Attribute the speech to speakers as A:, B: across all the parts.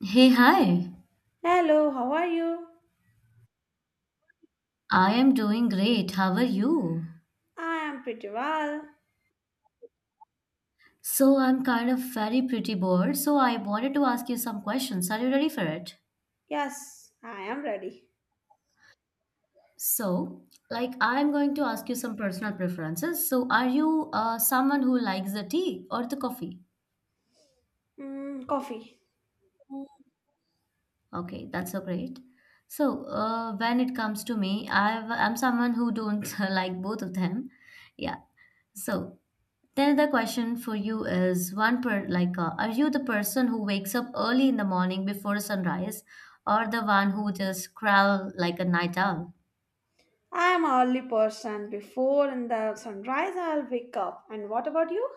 A: Hey, hi.
B: Hello, how are you?
A: I am doing great. How are you?
B: I am pretty well.
A: So, I'm kind of very pretty bored, so I wanted to ask you some questions. Are you ready for it?
B: Yes, I am ready.
A: So, like, I'm going to ask you some personal preferences. So, are you someone who likes the tea or the coffee?
B: Mm, coffee.
A: Okay, that's so great. So, when it comes to me, I'm someone who don't like both of them. Yeah. So, Then the question for you is one per like are you the person who wakes up early in the morning before sunrise or the one who just crawl like a night owl?
B: I am an early person. Before in the sunrise, I'll wake up. And what about you?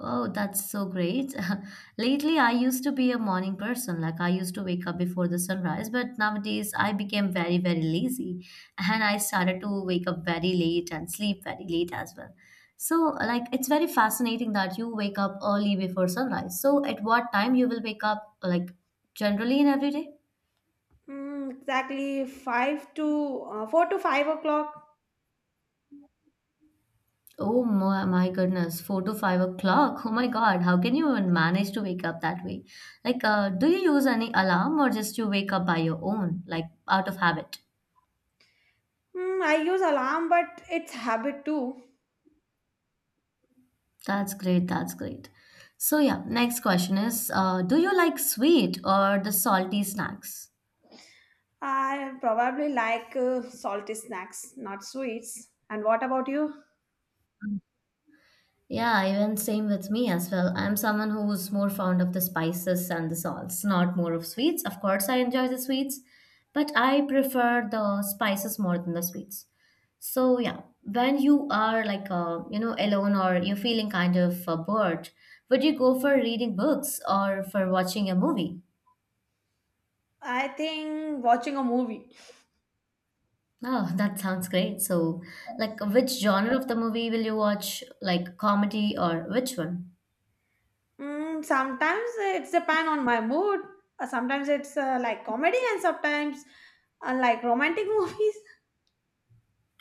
A: Oh, that's so great. Lately, I used to be a morning person. Like, I used to wake up before the sunrise, but nowadays I became very, very lazy and I started to wake up very late and sleep very late as well. So, like, it's very fascinating that you wake up early before sunrise. So, at what time you will wake up, like, generally in every day?
B: Exactly five to 4 to 5 o'clock.
A: Oh my goodness, 4 to 5 o'clock. Oh my God, how can you even manage to wake up that way? Like, do you use any alarm or just you wake up by your own, like out of habit?
B: Mm, I use alarm, but it's habit too.
A: That's great, that's great. So, yeah, next question is, do you like sweet or the salty snacks?
B: I probably like salty snacks, not sweets. And what about you?
A: Yeah, even same with me as well. I'm someone who's more fond of the spices and the salts, not more of sweets. Of course, I enjoy the sweets, but I prefer the spices more than the sweets. So yeah, when you are like you know alone or you're feeling kind of bored, would you go for reading books or for watching a movie?
B: I think watching a movie.
A: Oh, that sounds great. So, like, which genre of the movie will you watch? Like comedy or which one?
B: Mm, sometimes it's depend on my mood. Sometimes it's like comedy, and sometimes like romantic movies.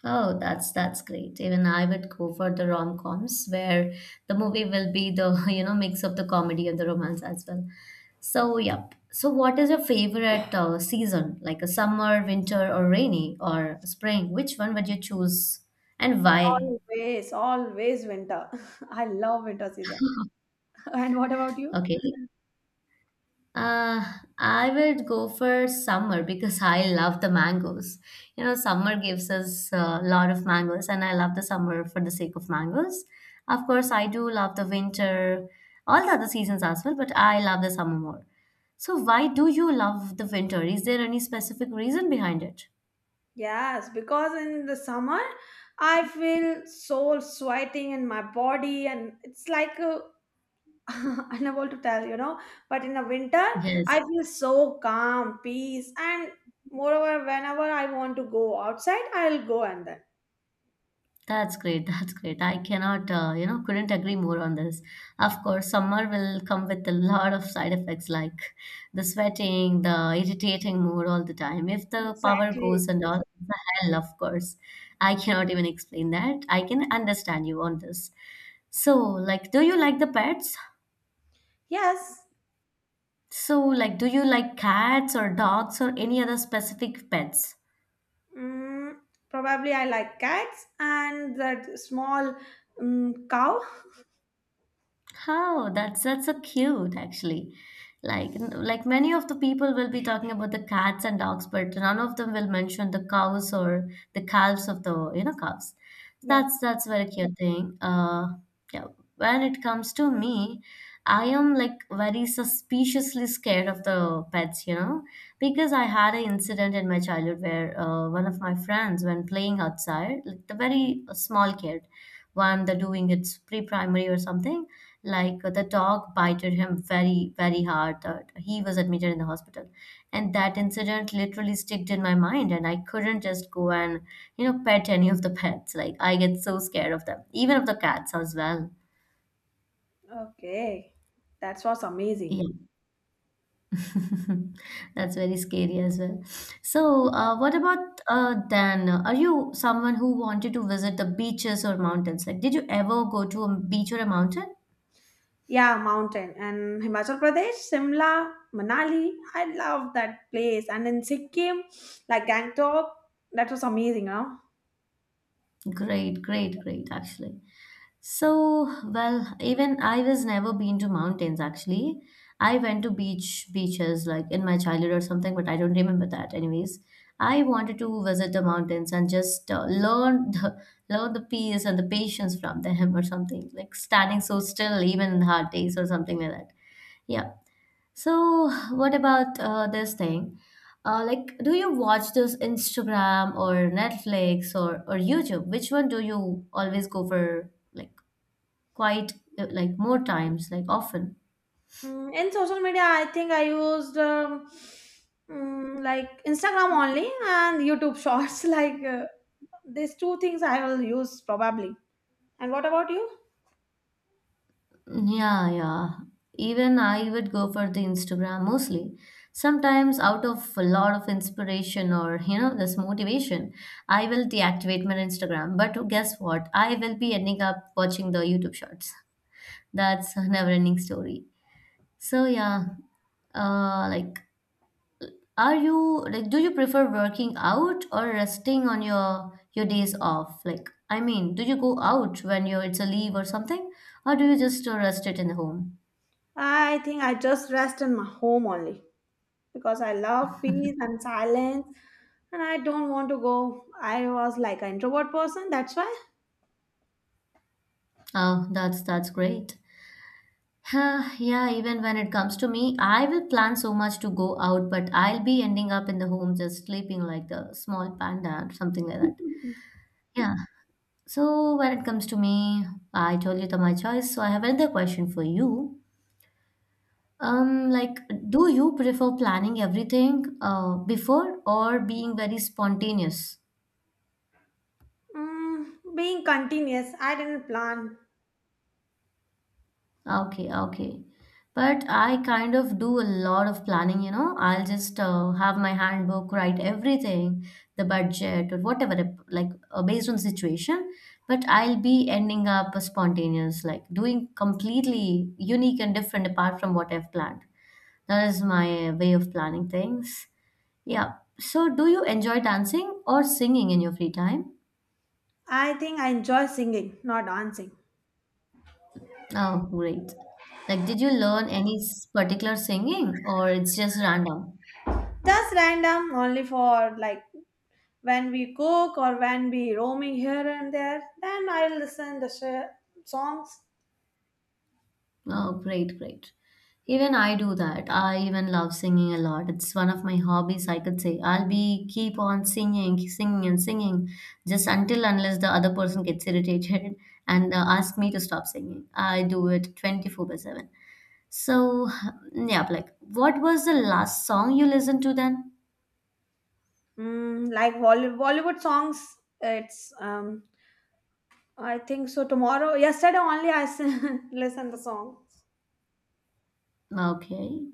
A: Oh, that's great. Even I would go for the rom-coms where the movie will be the, you know, mix of the comedy and the romance as well. So, yep. So, what is your favorite season? Like a summer, winter, or rainy, or spring? Which one would you choose and why?
B: Always, always winter. I love winter season. And what about you?
A: Okay. Uh, I would go for summer because I love the mangoes. You know, summer gives us a lot of mangoes, and I love the summer for the sake of mangoes. Of course, I do love the winter, all the other seasons as well, but I love the summer more. So, why do you love the winter? Is there any specific reason behind it?
B: Yes, because in the summer, I feel so sweating in my body, and it's like unable to tell, But in the winter,
A: Yes.
B: I feel so calm, peace, and moreover, whenever I want to go outside, I'll go and then.
A: That's great. That's great. I cannot, you know, couldn't agree more on this. Of course, summer will come with a lot of side effects like the sweating, the irritating mood all the time. If the power
B: Exactly.
A: goes and all, the hell, of course. I cannot even explain that. I can understand you on this. So, like, do you like the pets?
B: Yes.
A: So, like, do you like cats or dogs or any other specific pets?
B: Mm, probably I like cats and that small mm cow.
A: How that's so cute actually. Like many of the people will be talking about the cats and dogs, but none of them will mention the cows or the calves of the you know cows.
B: Yeah.
A: That's very cute thing. Yeah. When it comes to me, I am like very suspiciously scared of the pets, you know, because I had an incident in my childhood where one of my friends, when playing outside, like the very small kid, when they're doing its pre-primary or something, like the dog bited him very, very hard. That he was admitted in the hospital, and that incident literally sticked in my mind, and I couldn't just go and you know pet any of the pets. Like I get so scared of them, even of the cats as well.
B: Okay. That was amazing.
A: Yeah. That's very scary as well. So, what about Dan? Are you someone who wanted to visit the beaches or mountains? Like, did you ever go to a beach or a mountain?
B: Yeah, mountain and Himachal Pradesh, Simla, Manali. I love that place. And in Sikkim, like Gangtok, that was amazing, huh?
A: Great, great, great, actually. So, well, even I was never been to mountains actually. I went to beaches like in my childhood or something, but I don't remember that. Anyways, I wanted to visit the mountains and just learn the peace and the patience from them or something like standing so still even in hard days or something like that. Yeah. So, what about this thing? Like, do you watch this Instagram or Netflix or YouTube? Which one do you always go for? Like quite like more times, like often.
B: Mm, in social media, I think I used mm, like Instagram only and YouTube Shorts. Like these two things, I will use probably. And what about you?
A: Yeah, yeah. Even I would go for the Instagram mostly. Sometimes out of a lot of inspiration or you know this motivation, I will deactivate my Instagram. But guess what? I will be ending up watching the YouTube shorts. That's a never-ending story. So yeah, like Are you like do you prefer working out or resting on your days off? Like I mean, do you go out when you're it's a leave or something, or do you just rest it in the home?
B: I think I just rest in my home only because I love peace and silence and I don't want to go. I was like an introvert person, that's why.
A: Oh, that's great. Huh, yeah, even when it comes to me, I will plan so much to go out, but I'll be ending up in the home just sleeping like the small panda or something like that. Yeah. So when it comes to me, I told you that my choice. So I have another question for you. Like, do you prefer planning everything before or being very spontaneous?
B: Mm, being continuous, I didn't plan.
A: Okay, okay. But I kind of do a lot of planning, you know. I'll just have my handbook, write everything, the budget or whatever, like based on situation. But I'll be ending up spontaneous, like doing completely unique and different apart from what I've planned. That is my way of planning things. Yeah. So, do you enjoy dancing or singing in your free time?
B: I think I enjoy singing, not dancing.
A: Oh, great. Like, did you learn any particular singing or it's just random?
B: Just random, only for like when we cook or when we roaming here and there. Then I listen the songs,
A: Oh, great, great. Even I do that. I even love singing a lot. It's one of my hobbies, I could say. I'll be keep on singing, singing and singing just until unless the other person gets irritated and ask me to stop singing. I do it 24 by 7. So, yeah, like what was the last song you listened to then?
B: mm, like Bollywood songs. It's I think so. Tomorrow, yesterday only I listen the song.
A: Okay,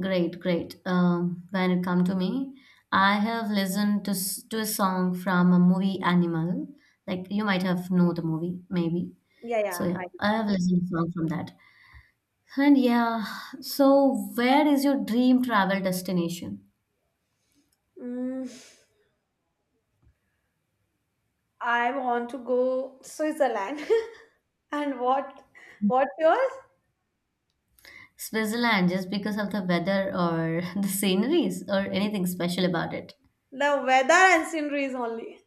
A: great, great. When it come to me, I have listened to a song from a movie Animal. Like you might have know the movie, maybe.
B: Yeah,
A: So
B: yeah,
A: yeah,
B: I
A: I have listened to song from that. And yeah, so where is your dream travel destination?
B: know. Mm, I want to go Switzerland. And what? What's yours?
A: Switzerland, just because of the weather or the sceneries or anything special about it?
B: The weather and sceneries only.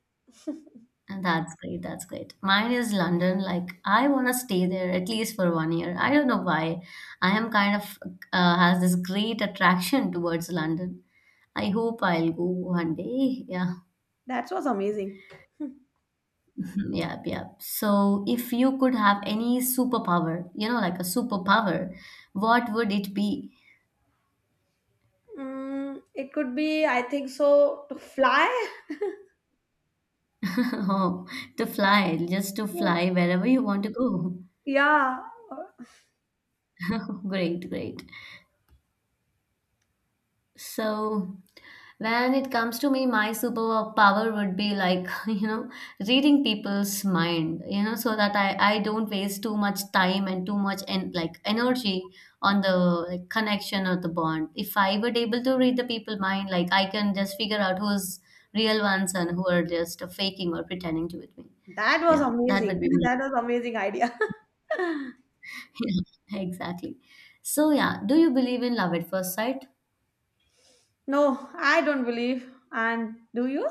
A: And that's great. That's great. Mine is London. Like I want to stay there at least for one year. I don't know why. I am kind of has this great attraction towards London. I hope I'll go one day. Yeah.
B: That was amazing.
A: Yep, yep. So if you could have any superpower, you know, like a superpower, what would it be?
B: Mm, it could be, I think so, to fly.
A: Oh, to fly, just to
B: Yeah.
A: fly wherever you want to go.
B: Yeah.
A: Great, great. So When it comes to me, my superpower would be like, you know, reading people's mind, you know, so that I don't waste too much time and too much like energy on the like, connection or the bond. If I were able to read the people mind, like I can just figure out who's real ones and who are just faking or pretending to with me.
B: That was
A: Yeah, that
B: amazing.
A: would be me.
B: That was amazing idea.
A: Yeah, exactly. So yeah, do you believe in love at first sight?
B: No, I don't believe. And do you?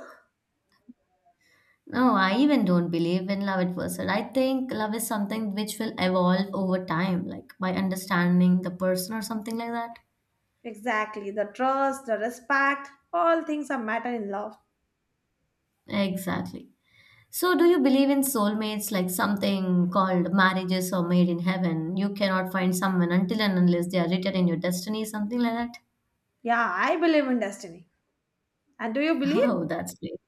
A: No, I even don't believe in love at first sight. I think love is something which will evolve over time, like by understanding the person or something like that.
B: Exactly. The trust, the respect, all things are matter in love.
A: Exactly. So, do you believe in soulmates, like something called marriages or made in heaven? You cannot find someone until and unless they are written in your destiny, something like that.
B: Yeah, I believe in destiny. And do you believe?
A: Oh, that's great.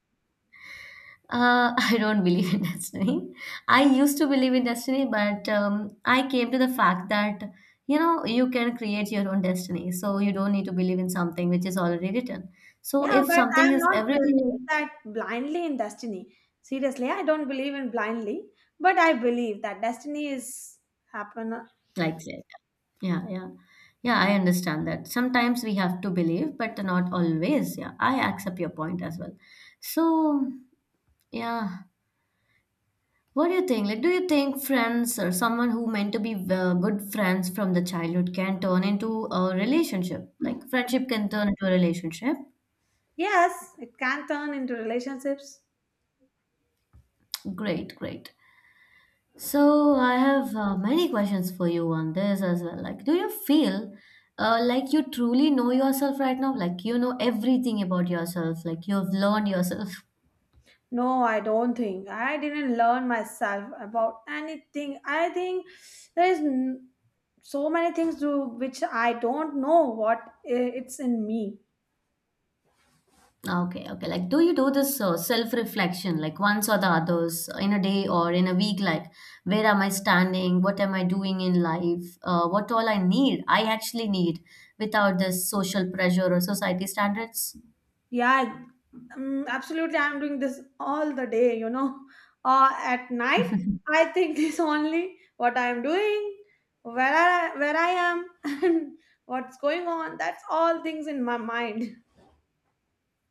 A: I don't believe in destiny. I used to believe in destiny, but I came to the fact that you know you can create your own destiny, so you don't need to believe in something which is already written. So
B: Yeah,
A: if
B: but
A: something
B: I'm
A: is
B: not
A: everything
B: believing
A: is
B: that blindly in destiny. Seriously, I don't believe in blindly, but I believe that destiny is happen.
A: like that, yeah, yeah, yeah, I understand that. Sometimes we have to believe, but not always. Yeah, I accept your point as well. So yeah, What do you think? Like, do you think friends or someone who meant to be good friends from the childhood can turn into a relationship? Like, friendship can turn into a relationship?
B: Yes, it can turn into relationships.
A: Great, great. So, I have many questions for you on this as well. Like, do you feel like you truly know yourself right now? Like, you know everything about yourself, like, you've learned yourself.
B: No, I don't think. I didn't learn myself about anything. I think there is so many things to which I don't know what it's in me.
A: Okay, okay. Like, do you do this self-reflection, like once or the others, in a day or in a week? Like, where am I standing? What am I doing in life? What all I actually need, without this social pressure or society standards?
B: Yeah, absolutely. I'm doing this all the day, At night, I think this only what I'm doing, where where I am, and what's going on. That's all things in my mind.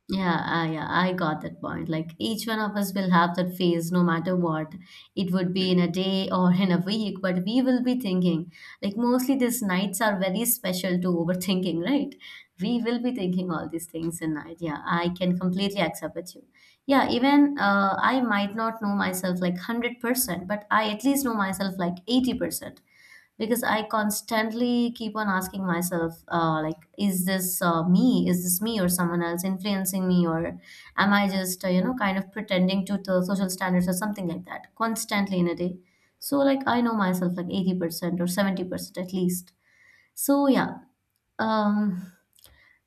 A: Yeah, yeah, I got that point. Like each one of us will have that phase no matter what. It would be in a day or in a week, but we will be thinking. Like mostly these nights are very special to overthinking, right? We will be thinking all these things in night. Yeah, I can completely accept with you. Yeah, even I might not know myself like 100%, but I at least know myself like 80% because I constantly keep on asking myself, like, is this me? Is this me or someone else influencing me? Or am I just, kind of pretending to the social standards or something like that constantly in a day? So, like, I know myself like 80% or 70% at least. So, yeah. Um,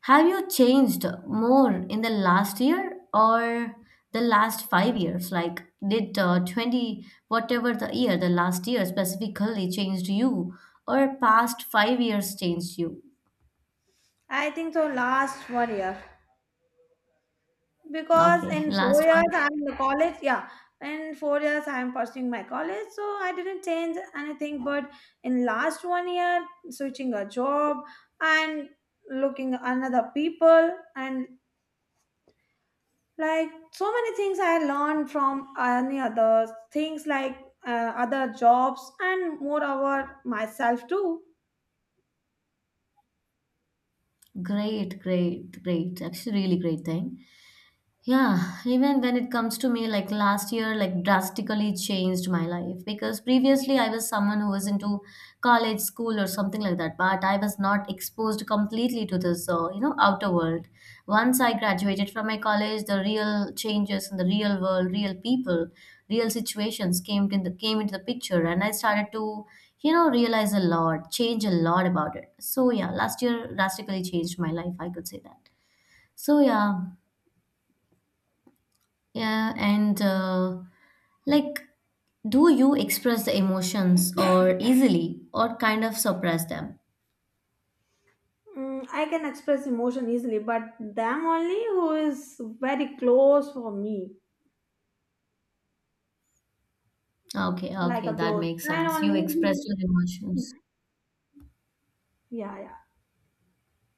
A: have you changed more in the last year or the last 5 years? Like, did 20, whatever the year, the last year specifically changed you, or past 5 years changed you?
B: I think so. Last one year, because
A: Okay,
B: in four
A: last
B: years
A: one.
B: I'm in the college. Yeah, in 4 years I'm pursuing my college, so I didn't change anything. But in last one year, switching a job and looking another people and like so many things I learned from any other things like other jobs and moreover myself too.
A: Great, great, great. Actually, really great thing. Yeah, even when it comes to me, like last year, like drastically changed my life because previously I was someone who was into college, school, or something like that, but I was not exposed completely to this, outer world. Once I graduated from my college, the real changes in the real world, real people, real situations came in the came into the picture, and I started to, you know, realize a lot, change a lot about it. So yeah, last year drastically changed my life. I could say that. So yeah, yeah, and like, do you express the emotions or easily or kind of suppress them?
B: Mm, I can express emotion easily but them only who is very close for me,
A: Okay,
B: like
A: okay,
B: a
A: that
B: close
A: makes
B: friend
A: sense. You express
B: only.
A: your emotions.
B: Yeah, yeah.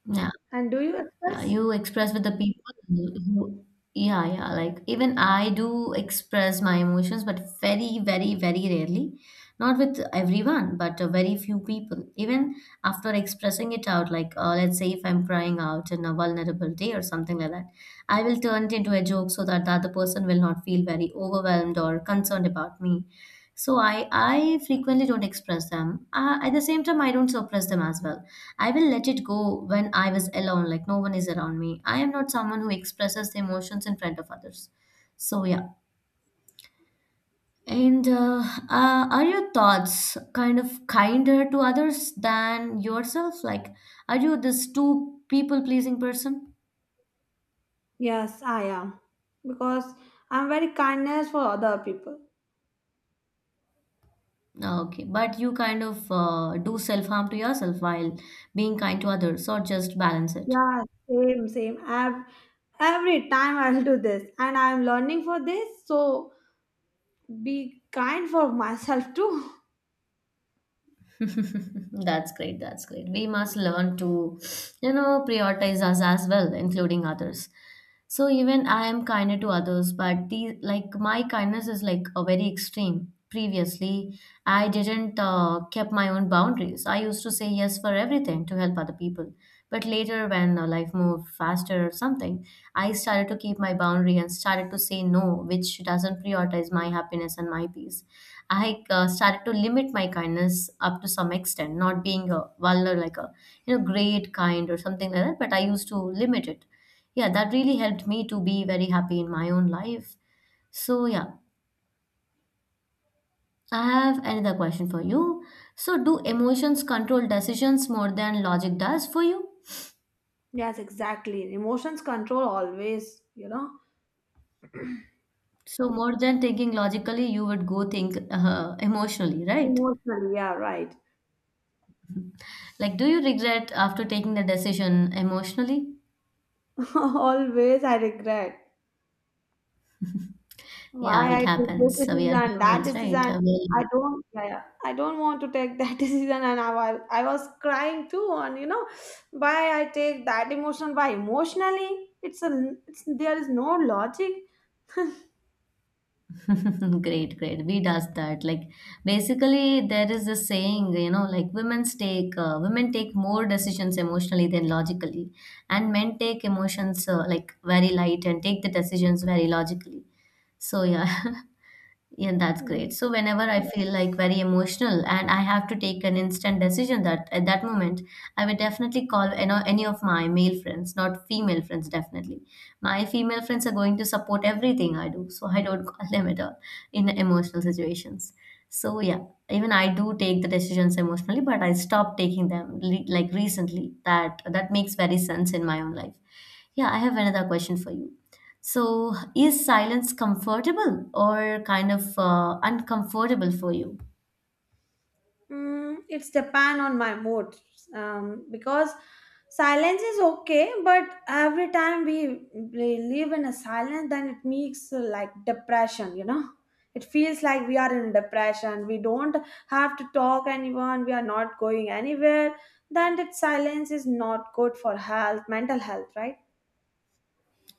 A: Yeah.
B: And do you
A: Yeah,
B: express?
A: you express with the people who, yeah, yeah. Like even I do express my emotions, but very, very, very rarely. Not with everyone, but very few people. Even after expressing it out, like let's say if I'm crying out in a vulnerable day or something like that, I will turn it into a joke so that the other person will not feel very overwhelmed or concerned about me. So I frequently don't express them. At the same time, I don't suppress them as well. I will let it go when I was alone, like no one is around me. I am not someone who expresses the emotions in front of others. So yeah. And Are your thoughts kind of kinder to others than yourself? Like, are you this too people pleasing person?
B: Yes, I am because I'm very kindness for other people.
A: Okay, but you kind of do self harm to yourself while being kind to others, or just balance it?
B: Yeah, same same. I've every time I'll do this and I'm learning for this, so be kind for myself too.
A: That's great. That's great. We must learn to, you know, prioritize us as well, including others. So even I am kinder to others, but the like my kindness is like a very extreme. Previously, I didn't kept my own boundaries. I used to say yes for everything to help other people. But later, when life moved faster or something, I started to keep my boundary and started to say no, which doesn't prioritize my happiness and my peace. I started to limit my kindness up to some extent, not being a vulgar like a you know great kind or something like that. But I used to limit it, yeah, that really helped me to be very happy in my own life. So yeah, I have another question for you. So do emotions control decisions more than logic does for you?
B: Yes, exactly. Emotions control always,
A: So more than thinking logically you would go think emotionally, right?
B: Emotionally, yeah, right.
A: Like do you regret after taking the decision emotionally?
B: Always I regret
A: Yeah,
B: why
A: it
B: I took this
A: happens. So we
B: decision,
A: are
B: that
A: humans, right?
B: decision. I don't, yeah, yeah. I don't want to take that decision, and I I was crying too. And why I take that emotion? Why emotionally? It's there is no logic.
A: Great, great. We does that. Like basically, there is a saying, you know, like women take more decisions emotionally than logically, and men take emotions like very light and take the decisions very logically. So yeah. Yeah, that's great. So whenever I feel like very emotional and I have to take an instant decision that at that moment, I would definitely call, you know, any of my male friends, not female friends, definitely. My female friends are going to support everything I do, so I don't call them at all in emotional situations. So yeah, even I do take the decisions emotionally, but I stopped taking them like recently. That makes very sense in my own life. Yeah, I have another question for you. So, is silence comfortable or kind of uncomfortable for you?
B: Mm, it's depend on my mood, because silence is okay, but every time we live in a silence, then it makes like depression. It feels like we are in depression. We don't have to talk anyone. We are not going anywhere. Then that silence is not good for health, mental health, right?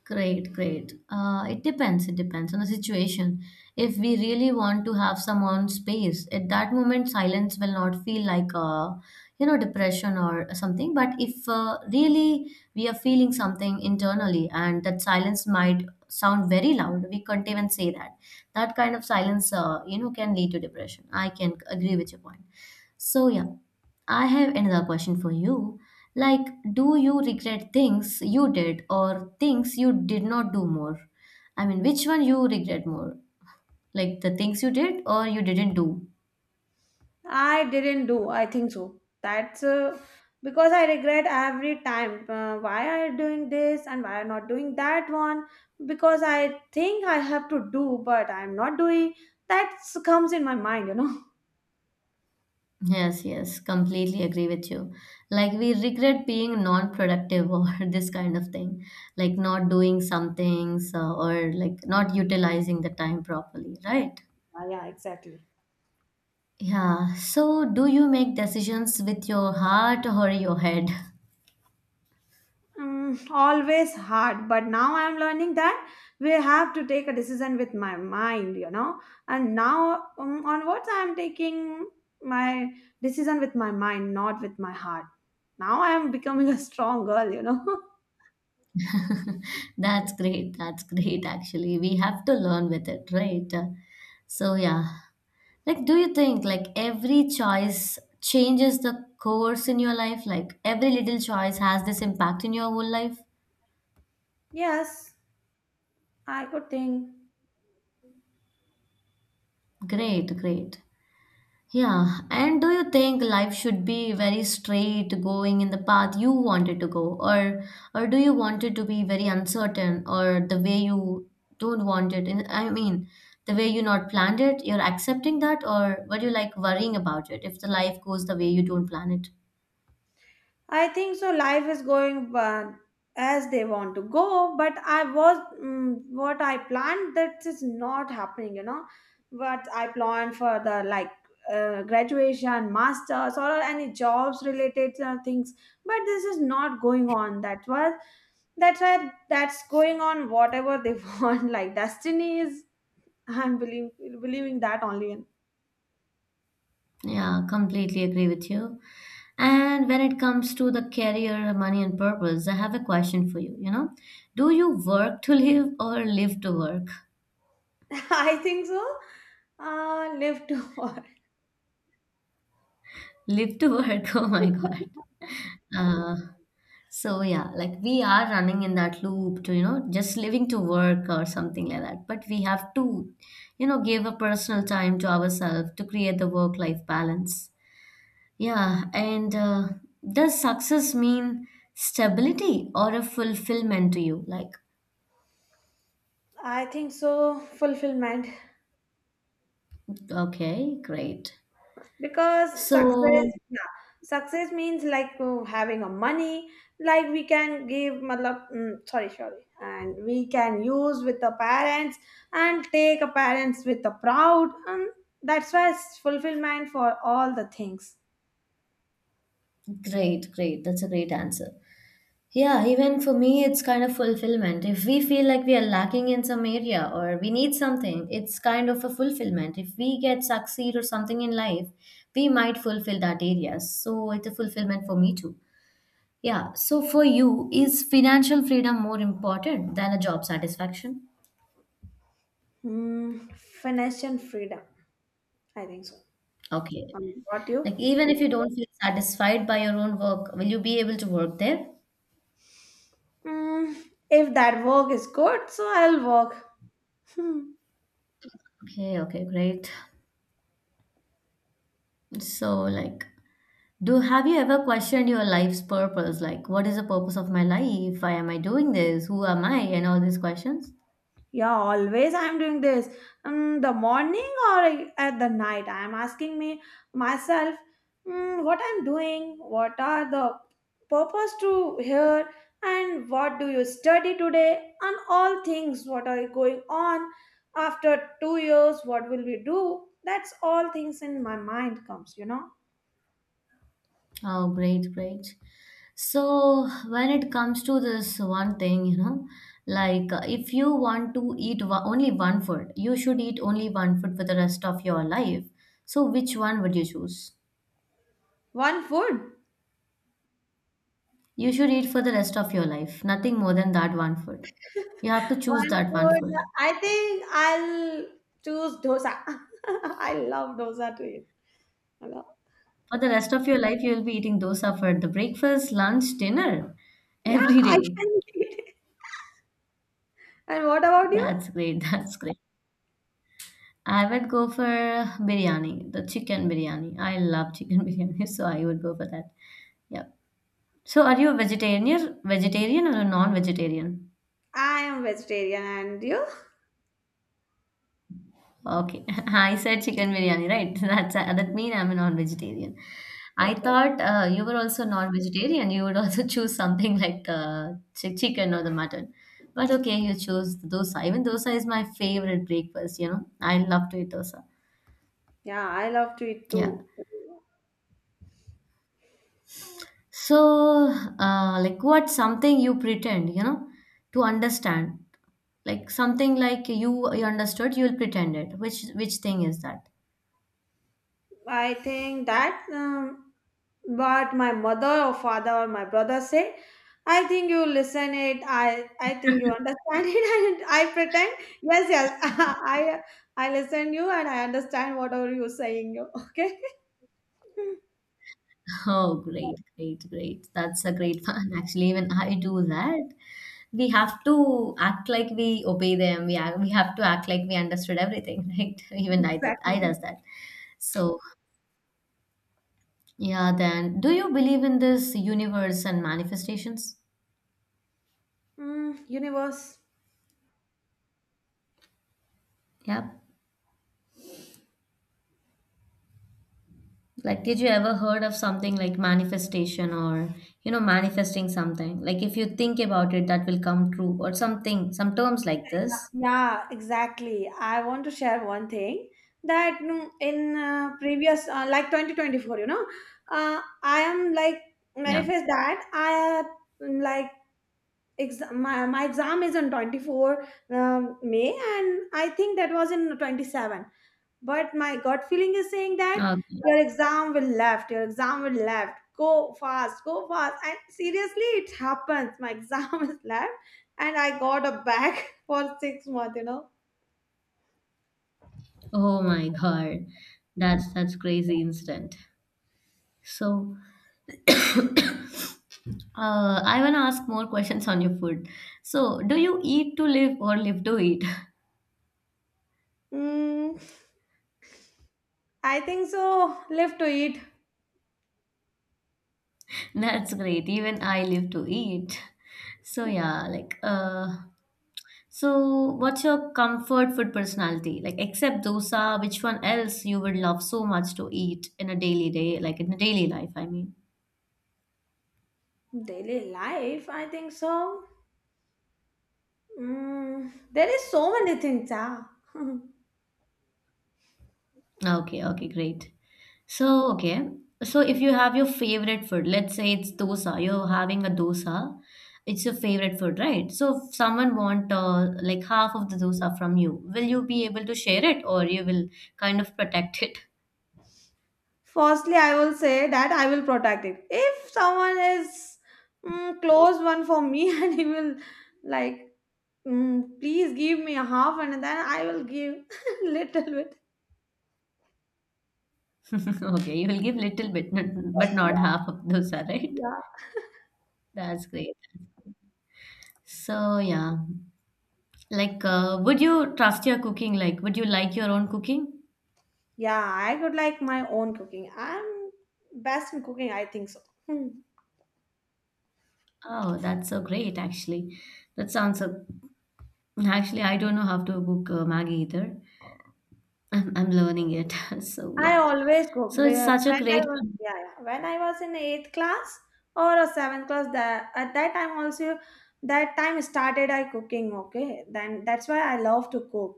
A: Great, great. It depends. It depends on the situation. If we really want to have some on space, at that moment, silence will not feel like a, you know, depression or something. But if really we are feeling something internally, and that silence might sound very loud, we can't even say that. That kind of silence, can lead to depression. I can agree with your point. So yeah, I have another question for you. Like, do you regret things you did or things you did not do more? I mean, which one you regret more? Like the things you did or you didn't do?
B: I didn't do. I think so. That's because I regret every time. Why I doing this and why I not doing that one? Because I think I have to do, but I'm not doing. That comes in my mind,
A: Yes, yes, completely agree with you. Like, we regret being non productive or this kind of thing, like not doing some things or like not utilizing the time properly, right?
B: Ah, yeah, exactly.
A: Yeah. So, do you make decisions with your heart or your head?
B: Mm, always hard, but now I'm learning that we have to take a decision with my mind, and now onwards I'm taking my decision with my mind, not with my heart. Now I'm becoming a strong girl,
A: That's great. That's great, actually. We have to learn with it, right? So, yeah. Like, do you think like every choice changes the course in your life? Like, every little choice has this impact in your whole life?
B: Yes, I could think.
A: Great, great. Yeah, and do you think life should be very straight going in the path you wanted to go or do you want it to be very uncertain or the way you don't want it in, I mean the way you not planned it, you're accepting that, or were you like worrying about it if the life goes the way you don't plan it?
B: I think so. Life is going as they want to go, but I was mm, what I planned that is not happening. What I planned for the like graduation, masters, or any jobs related things, but this is not going on. That was that's why that's going on whatever they want. Like destiny is. I'm believing that only.
A: Yeah, completely agree with you. And when it comes to the career, money, and purpose, I have a question for you. You know, do you work to live or live to work?
B: I think so. Live to.
A: Live to work. Oh my God. Uh, so yeah, like we are running in that loop to, you know, just living to work or something like that. But we have to, you know, give a personal time to ourselves to create the work-life balance. Yeah, and does success mean stability or a fulfillment to you? Like,
B: I think so, fulfillment.
A: okay, great.
B: Because success,
A: So
B: yeah, success means like having a money, like we can give, matlab, sorry, and we can use with the parents and take a parents with the proud, and that's why it's fulfillment for all the things.
A: great, great. That's a great answer. Yeah, even for me, it's kind of fulfillment. If we feel like we are lacking in some area or we need something, it's kind of a fulfillment. If we get succeed or something in life, we might fulfill that area. So it's a fulfillment for me too. Yeah. So for you, is financial freedom more important than a job satisfaction?
B: Mm, financial freedom, I think so.
A: Okay.
B: What
A: Like
B: you?
A: even if you don't feel satisfied by your own work, will you be able to work there?
B: Mm, if that work is good, so I'll work.
A: Okay, okay, great. So, like, Do have you ever questioned your life's purpose? Like, what is the purpose of my life? Why am I doing this? Who am I? And all these questions.
B: Yeah, always I'm doing this. The morning or at the night, I'm asking me myself mm, what I'm doing, what are the purpose to here, and what do you study today, and all things. What are going on after 2 years? What will we do? That's all things in my mind comes.
A: Oh, great, great. So, when it comes to this one thing, you know, like if you want to only one food, you should eat only one food for the rest of your life. So, which one would you choose?
B: One food,
A: You should eat for the rest of your life, nothing more than that one food. You have to choose
B: one
A: that one
B: food.
A: food.
B: I think I'll choose dosa. I love dosa to eat.
A: For the rest of your life, you'll be eating dosa for the breakfast, lunch, dinner
B: Yeah,
A: every
B: I
A: day.
B: can eat it. And what about you?
A: That's great. That's great. I would go for biryani, the chicken biryani. I love chicken biryani, so I would go for that. Yeah. So are you a vegetarian or a non-vegetarian?
B: I am vegetarian, and you?
A: Okay. I said chicken biryani, right? That's that mean I'm a non-vegetarian. I
B: Okay.
A: thought you were also non-vegetarian. You would also choose something like the chicken or the mutton. But okay, you chose dosa. Even dosa is my favorite breakfast, you know. I love to eat dosa.
B: Yeah, I love to eat
A: Yeah.
B: too.
A: So, like what's something you pretend, you know, to understand? Like something like you understood, you'll pretend it. Which thing is that?
B: I think that what my mother or father or my brother say, I think you listen it. I think you understand it, and I pretend yes, yes. I listen you, and I understand whatever you're saying. Okay,
A: Oh, great, great, great. That's a great fun. Actually, even I do that. We have to act like we obey them. We have to act like we understood everything, right? Even
B: exactly.
A: I does that. So yeah, then do you believe in this universe and manifestations?
B: Mm, universe.
A: Yeah. Like, did you ever heard of something like manifestation or you know manifesting something? Like, if you think about it, that will come true or something. Some terms like this.
B: Yeah, exactly. I want to share one thing that mm, in previous, like 2024, I am like
A: Yeah.
B: manifest that I had, mm, like exam, my exam is on 24 May, and I think that was in 27, but my gut feeling is saying that
A: Okay.
B: your exam will left go fast, and seriously it happens. My exam is left and I got a bag for 6 months,
A: Oh my God, that's crazy incident. So I want to ask more questions on your food. So, do you eat to live or live to eat?
B: mm, I think so, live to eat.
A: That's great. Even I live to eat. So, yeah, like, so what's your comfort food personality? Like, except dosa, which one else you would love so much to eat in a daily day, like in a daily life, I mean.
B: Daily life, I think so. Mm, there is so many things, ah.
A: Okay, okay, great. So, okay. So, if you have your favorite food, let's say it's dosa, you're having a dosa, it's your favorite food, right? So, if someone want like half of the dosa from you, will you be able to share it or you will kind of protect it?
B: Firstly I will say that I will protect it if someone is, close one for me and he will like, mm, please give me a half, and then I will give little bit.
A: Okay, you will give little bit, but not
B: Yeah,
A: half of dosa, right?
B: yeah.
A: That's great. So, yeah. Like, would you trust your cooking? Like, would you like your own cooking?
B: Yeah, I could like my own cooking. I'm best in cooking, I think so. Hmm.
A: Oh, that's so great, actually. That sounds so actually, I don't know how to cook Maggi either. I'm learning it. So
B: I
A: yeah.
B: always cook.
A: So it's such a
B: When I
A: great,
B: was yeah, yeah. When I was in eighth class or a seventh class, that at that time also that time started I cooking. Okay, then that's why I love to cook.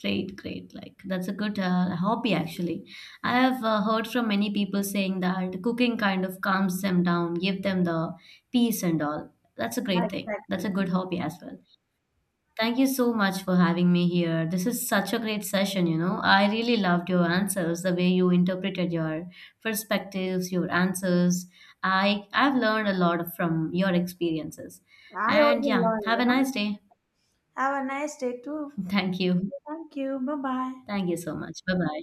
A: great, great. Like that's a good hobby actually. I have heard from many people saying that cooking kind of calms them down, give them the peace and all. That's a great thing. That's a
B: Exactly.
A: good hobby as well. Thank you so much for having me here. This is such a great session, you know. I really loved your answers, the way you interpreted your perspectives, your answers. I've learned a lot from your experiences.
B: I
A: And
B: also
A: yeah,
B: learn.
A: have
B: You
A: a
B: know.
A: nice day.
B: Have a nice day too.
A: Thank you.
B: Thank you. Bye bye.
A: Thank you so much. Bye-bye.